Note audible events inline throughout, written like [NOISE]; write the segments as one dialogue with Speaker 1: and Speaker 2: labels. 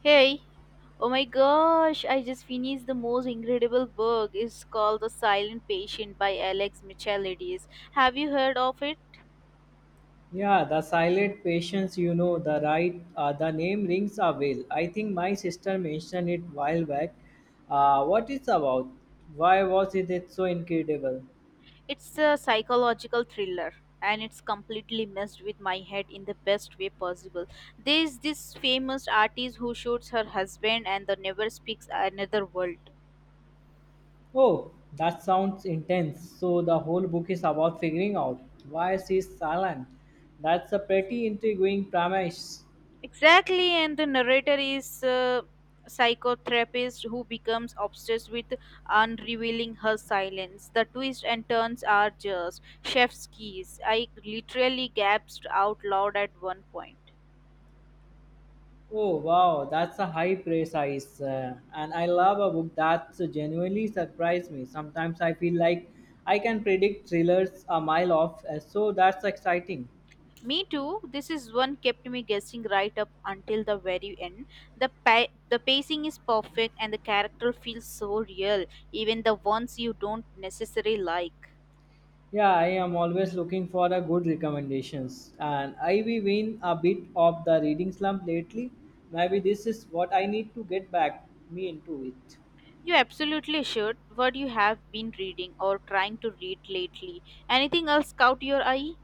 Speaker 1: Hey, oh my gosh, I just finished the most incredible book. It's called The Silent Patient by Alex Michalides. Have you heard of it?
Speaker 2: Yeah, the silent patience, you know, the name rings a bell. I think my sister mentioned it while back. What it's about? Why was it so incredible?
Speaker 1: It's a psychological thriller and it's completely messed with my head in the best way possible. There's this famous artist who shoots her husband and the never speaks another word.
Speaker 2: Oh, that sounds intense. So the whole book is about figuring out why she's silent. That's a pretty intriguing premise.
Speaker 1: Exactly, and the narrator is a psychotherapist who becomes obsessed with unrevealing her silence. The twists and turns are just chef's keys. I literally gasped out loud at 1 point.
Speaker 2: Oh wow, that's a high praise, and I love a book that genuinely surprised me. Sometimes I feel like I can predict thrillers a mile off, so that's exciting.
Speaker 1: Me too. This is one kept me guessing right up until the very end. The pacing is perfect and the character feels so real, even the ones you don't necessarily like.
Speaker 2: Yeah, I am always looking for a good recommendations, and I've been a bit of the reading slump lately. Maybe this is what I need to get back me into it.
Speaker 1: You absolutely should. What you have been reading or trying to read lately? Anything else caught your eye?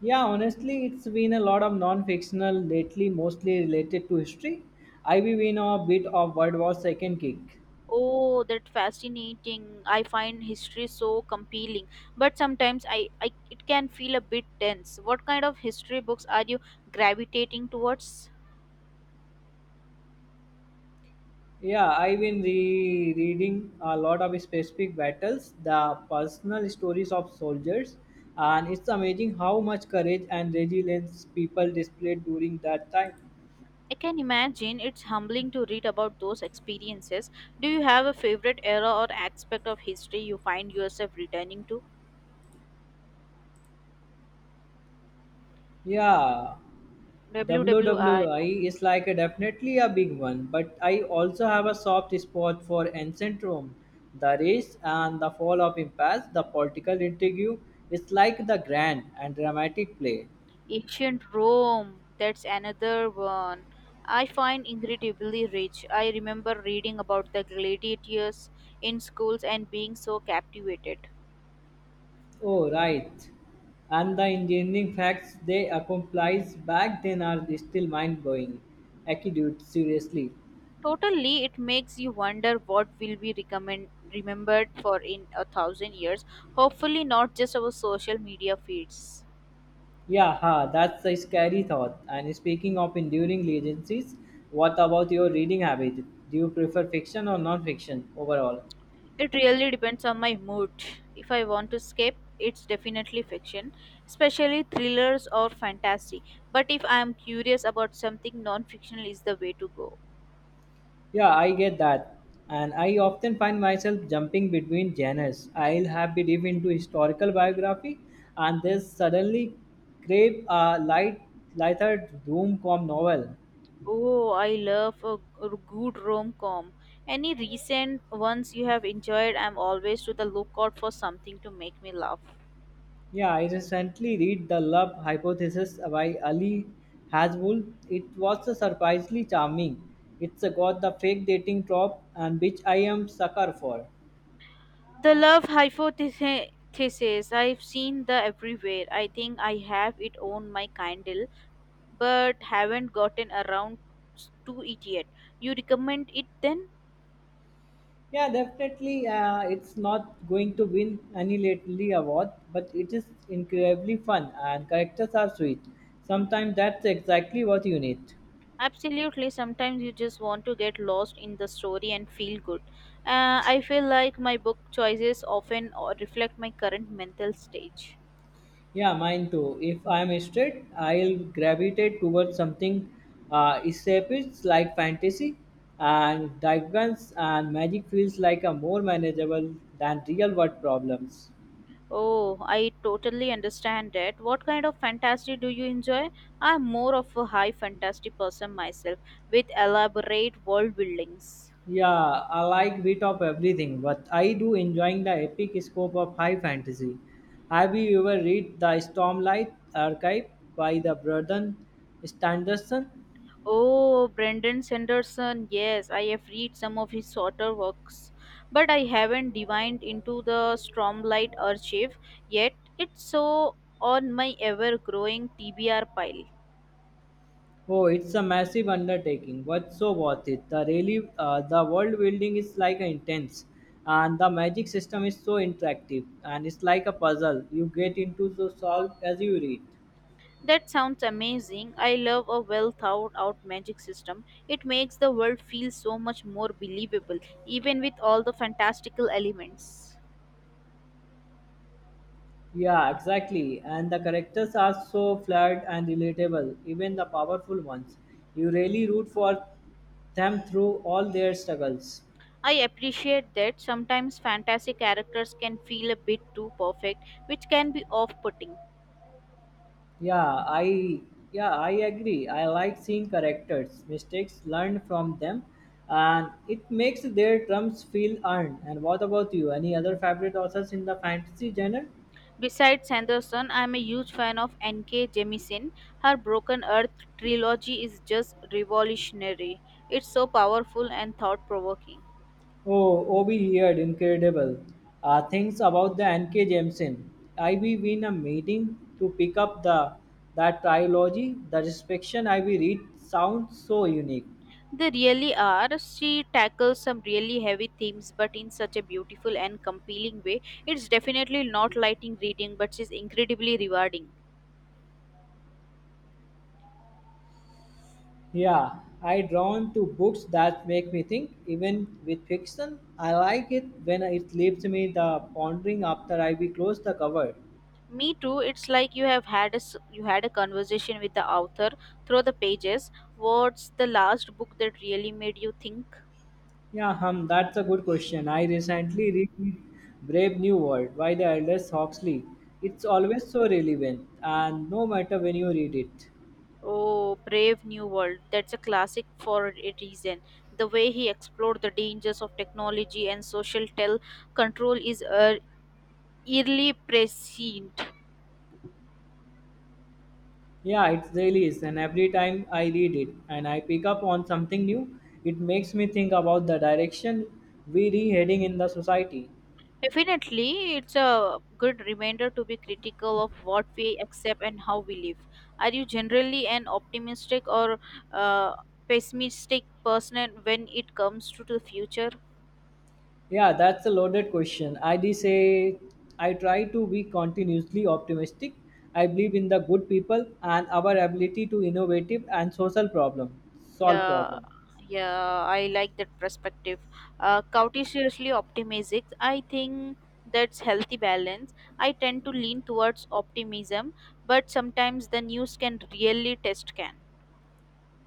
Speaker 2: Yeah, honestly, it's been a lot of non-fictional lately, mostly related to history. I've been a bit of World War Second kick.
Speaker 1: Oh, that fascinating. I find history so compelling, but sometimes I it can feel a bit tense. What kind of history books are you gravitating towards?
Speaker 2: Yeah, reading a lot of specific battles, the personal stories of soldiers, and it's amazing how much courage and resilience people displayed during that time.
Speaker 1: I can imagine it's humbling to read about those experiences. Do you have a favorite era or aspect of history you find yourself returning to?
Speaker 2: Yeah,
Speaker 1: WWR
Speaker 2: WWI is like a definitely a big one, but I also have a soft spot for ancient Rome, the race and the fall of empires, the political intrigue. It's like the grand and dramatic play.
Speaker 1: Ancient Rome, that's another one. I find incredibly rich. I remember reading about the gladiators in schools and being so captivated.
Speaker 2: Oh, right. And the engineering facts they accomplished back then are still mind blowing. Acute, seriously.
Speaker 1: Totally, it makes you wonder what will be recommend, remembered for in a thousand years. Hopefully, not just our social media feeds.
Speaker 2: Yeah, ha, that's a scary thought. And speaking of enduring legacies, what about your reading habit? Do you prefer fiction or non fiction overall?
Speaker 1: It really depends on my mood. If I want to escape, it's definitely fiction, especially thrillers or fantasy. But if I am curious about something, non-fictional is the way to go.
Speaker 2: Yeah, I get that. And I often find myself jumping between genres. I'll have been deep into historical biography and then suddenly crave lighter rom-com novel.
Speaker 1: Oh, I love a good rom-com. Any recent ones you have enjoyed? I'm always to the lookout for something to make me laugh.
Speaker 2: Yeah, I recently read The Love Hypothesis by Ali Hasbull. It was surprisingly charming. It's got the fake dating trope, and which I am sucker for.
Speaker 1: The love hypothesis. I've seen the everywhere. I think I have it on my candle, but haven't gotten around to it yet. You recommend it then?
Speaker 2: Yeah, definitely. It's not going to win any lately award, but it is incredibly fun and characters are sweet. Sometimes that's exactly what you need.
Speaker 1: Absolutely. Sometimes you just want to get lost in the story and feel good. I feel like my book choices often reflect my current mental stage.
Speaker 2: Yeah, mine too. If I'm straight, I'll gravitate towards something escapist like fantasy, and dragons and magic feels like a more manageable than real world problems.
Speaker 1: Oh, I totally understand that. What kind of fantasy do you enjoy? I'm more of a high fantasy person myself with elaborate world buildings.
Speaker 2: Yeah, I like bit of everything, but I do enjoying the epic scope of high fantasy. Have you ever read the Stormlight Archive by the Brandon Sanderson?
Speaker 1: Oh, Brendan Sanderson. Yes, I have read some of his shorter works, but I haven't dived into the Stormlight Archive yet. It's so on my ever-growing TBR pile.
Speaker 2: Oh, it's a massive undertaking, but so worth it. The world building is like intense, and the magic system is so interactive, and it's like a puzzle. You get into to solve as you read.
Speaker 1: That sounds amazing. I love a well-thought-out magic system. It makes the world feel so much more believable, even with all the fantastical elements.
Speaker 2: Yeah, exactly. And the characters are so flawed and relatable, even the powerful ones. You really root for them through all their struggles.
Speaker 1: I appreciate that sometimes fantasy characters can feel a bit too perfect, which can be off-putting.
Speaker 2: Yeah, I yeah, I agree. I like seeing characters, mistakes learned from them, and it makes their trumps feel earned. And what about you? Any other favorite authors in the fantasy genre?
Speaker 1: Besides Sanderson, I am a huge fan of N.K. Jemisin. Her Broken Earth trilogy is just revolutionary. It's so powerful and thought provoking.
Speaker 2: Oh, Obi Heard, incredible. Things about the N.K. Jameson. I be in a meeting to pick up the that trilogy. The description I be read sounds so unique.
Speaker 1: They really are. She tackles some really heavy themes, but in such a beautiful and compelling way. It's definitely not lighting reading, but it's incredibly rewarding.
Speaker 2: Yeah, I drawn to books that make me think. Even with fiction, I like it when it leaves me the pondering after I be close the cover.
Speaker 1: Me too. It's like you have had a you had a conversation with the author through the pages. What's the last book that really made you think?
Speaker 2: Yeah, hum, that's a good question. I recently read Brave New World by the Aldous Huxley. It's always so relevant, and no matter when you read it.
Speaker 1: Oh, Brave New World. That's a classic for a reason. The way he explored the dangers of technology and social control is eerily prescient.
Speaker 2: Yeah, it really is. And every time I read it and I pick up on something new, it makes me think about the direction we're heading in the society.
Speaker 1: Definitely, it's a good reminder to be critical of what we accept and how we live. Are you generally an optimistic or uh, pessimistic person when it comes to the future?
Speaker 2: Yeah, that's a loaded question. I did say I try to be continuously optimistic. I believe in the good people and our ability to innovative and social problem solve
Speaker 1: Yeah,
Speaker 2: problem.
Speaker 1: yeah, I like that perspective. Cautiously optimistic. I think that's healthy balance. I tend to lean towards optimism, but sometimes the news can really test can.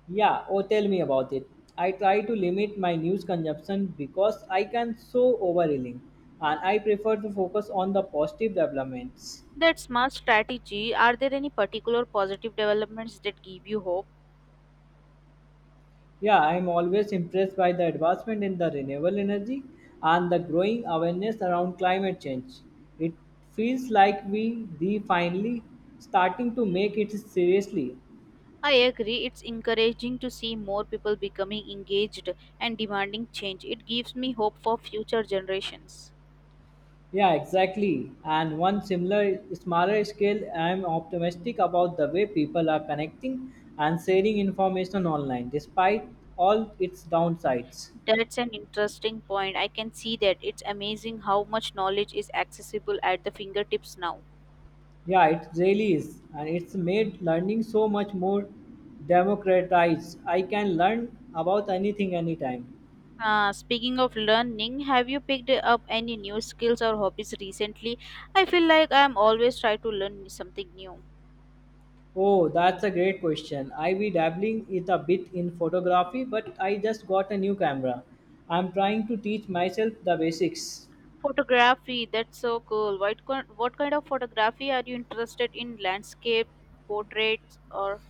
Speaker 2: Yeah, oh tell me about it. I try to limit my news consumption because I can so overreeling and I prefer to focus on the positive developments.
Speaker 1: That's smart strategy. Are there any particular positive developments that give you hope?
Speaker 2: Yeah, I am always impressed by the advancement in the renewable energy and the growing awareness around climate change. It feels like we the finally starting to make it seriously.
Speaker 1: I agree. It's encouraging to see more people becoming engaged and demanding change. It gives me hope for future generations.
Speaker 2: Yeah, exactly. And one similar smaller scale, I am optimistic about the way people are connecting and sharing information online despite all its downsides.
Speaker 1: That's an interesting point. I can see that. It's amazing how much knowledge is accessible at the fingertips now.
Speaker 2: Yeah, it really is. And it's made learning so much more democratized. I can learn about anything anytime.
Speaker 1: Speaking of learning, have you picked up any new skills or hobbies recently? I feel like I'm always trying to learn something new.
Speaker 2: Oh, that's a great question. I be dabbling it a bit in photography, but I just got a new camera. I'm trying to teach myself the basics.
Speaker 1: Photography, that's so cool. What kind of photography are you interested in? Landscape, portraits, or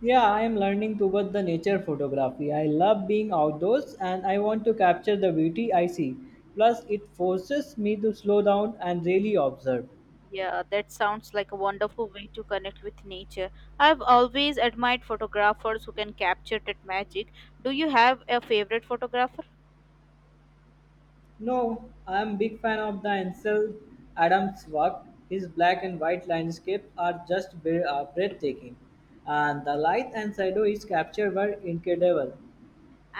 Speaker 2: Yeah, I am learning toward the nature photography. I love being outdoors and I want to capture the beauty I see. Plus, it forces me to slow down and really observe.
Speaker 1: Yeah, that sounds like a wonderful way to connect with nature. I've always admired photographers who can capture that magic. Do you have a favorite photographer?
Speaker 2: No, I am big fan of the Ansel Adams' work. His black and white landscape are just breathtaking, and the light and shadow is captured were incredible.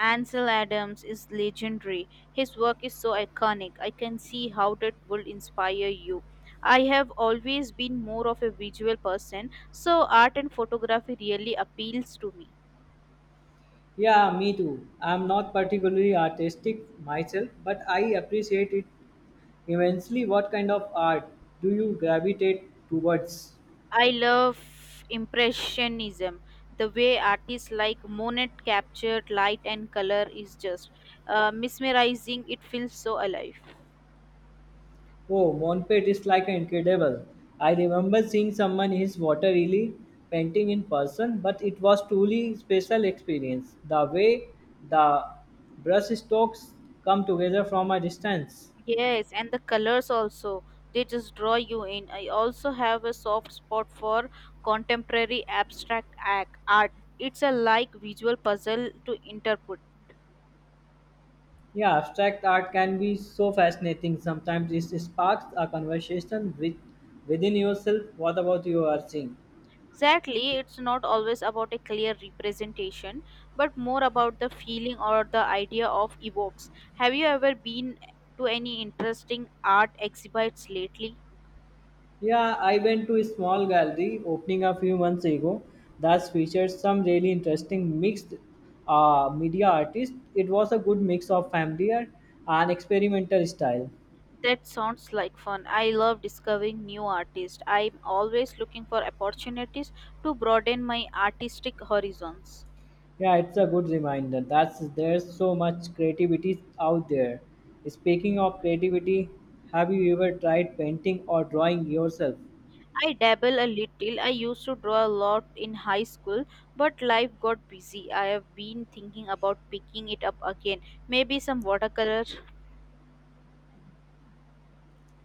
Speaker 1: Ansel Adams is legendary. His work is so iconic. I can see how that will inspire you. I have always been more of a visual person, so art and photography really appeals to me.
Speaker 2: Yeah, me too. I'm not particularly artistic myself, but I appreciate it immensely. What kind of art do you gravitate towards?
Speaker 1: I love impressionism. The way artists like Monet captured light and color is just mesmerizing. It feels so alive.
Speaker 2: Oh, Monpet is like an incredible. I remember seeing someone in his water lily painting in person, but it was truly special experience. The way the brush strokes come together from a distance.
Speaker 1: Yes, and the colors also they just draw you in. I also have a soft spot for contemporary abstract act art. It's a like visual puzzle to interpret.
Speaker 2: Yeah, abstract art can be so fascinating. Sometimes it sparks a conversation with within yourself. What about you are seeing?
Speaker 1: Exactly, it's not always about a clear representation, but more about the feeling or the idea of evokes. Have you ever been to any interesting art exhibits lately?
Speaker 2: Yeah, I went to a small gallery opening a few months ago that featured some really interesting mixed media artists. It was a good mix of familiar and experimental style.
Speaker 1: That sounds like fun. I love discovering new artists. I'm always looking for opportunities to broaden my artistic horizons.
Speaker 2: Yeah, it's a good reminder that there's so much creativity out there. Speaking of creativity, have you ever tried painting or drawing yourself?
Speaker 1: I dabble a little. I used to draw a lot in high school, but life got busy. I have been thinking about picking it up again. Maybe some watercolor.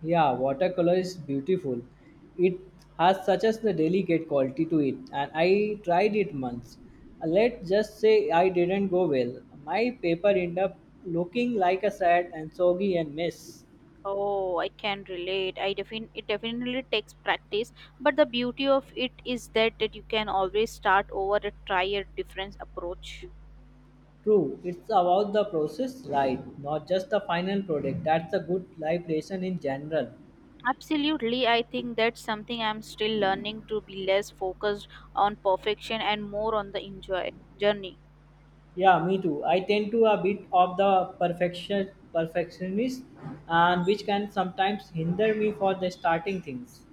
Speaker 2: Yeah, watercolor is beautiful. It has such as the delicate quality to it, and I tried it once. Let's just say I didn't go well. My paper ended up looking like a sad and soggy and mess.
Speaker 1: Oh, I can relate. I definitely takes practice, but the beauty of it is that you can always start over and try a different approach.
Speaker 2: True, it's about the process, right? Not just the final product. That's a good life lesson in general.
Speaker 1: Absolutely, I think that's something I'm still learning, to be less focused on perfection and more on the enjoy journey.
Speaker 2: Yeah, me too. I tend to a bit of the perfectionist, and which can sometimes hinder me for the starting things.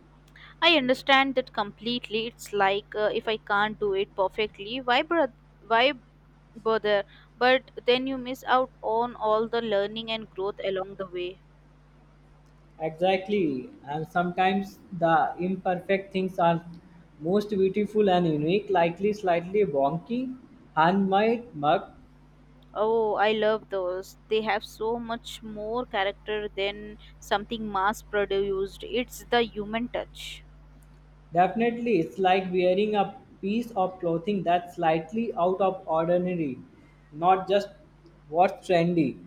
Speaker 1: I understand that completely. It's like if I can't do it perfectly, why bother? But then you miss out on all the learning and growth along the way.
Speaker 2: Exactly, and sometimes the imperfect things are most beautiful and unique, likely slightly wonky, handmade mug.
Speaker 1: Oh, I love those. They have so much more character than something mass produced. It's the human touch.
Speaker 2: Definitely, it's like wearing a piece of clothing that's slightly out of ordinary, not just what's trendy.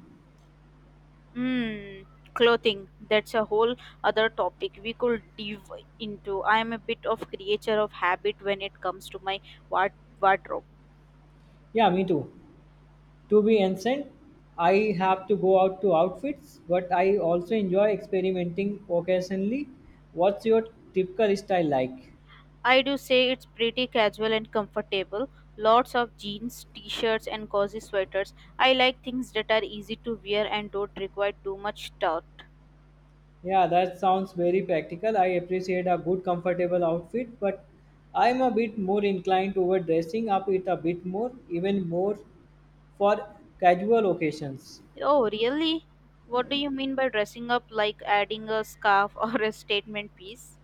Speaker 1: Hmm, clothing. That's a whole other topic we could dive into. I am a bit of creature of habit when it comes to my wardrobe.
Speaker 2: Yeah, me too. To be ancient, I have to go out to outfits, but I also enjoy experimenting occasionally. What's your typical style like?
Speaker 1: I do say it's pretty casual and comfortable. Lots of jeans, t-shirts and cozy sweaters. I like things that are easy to wear and don't require too much thought.
Speaker 2: Yeah, that sounds very practical. I appreciate a good, comfortable outfit, but I'm a bit more inclined toward dressing up it a bit more, even more for casual occasions.
Speaker 1: Oh, really? What do you mean by dressing up, like adding a scarf [LAUGHS] or a statement piece?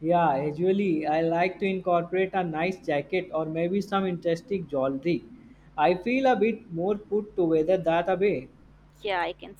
Speaker 2: Yeah, usually I like to incorporate a nice jacket or maybe some interesting jewelry. I feel a bit more put together that a way.
Speaker 1: Yeah, I can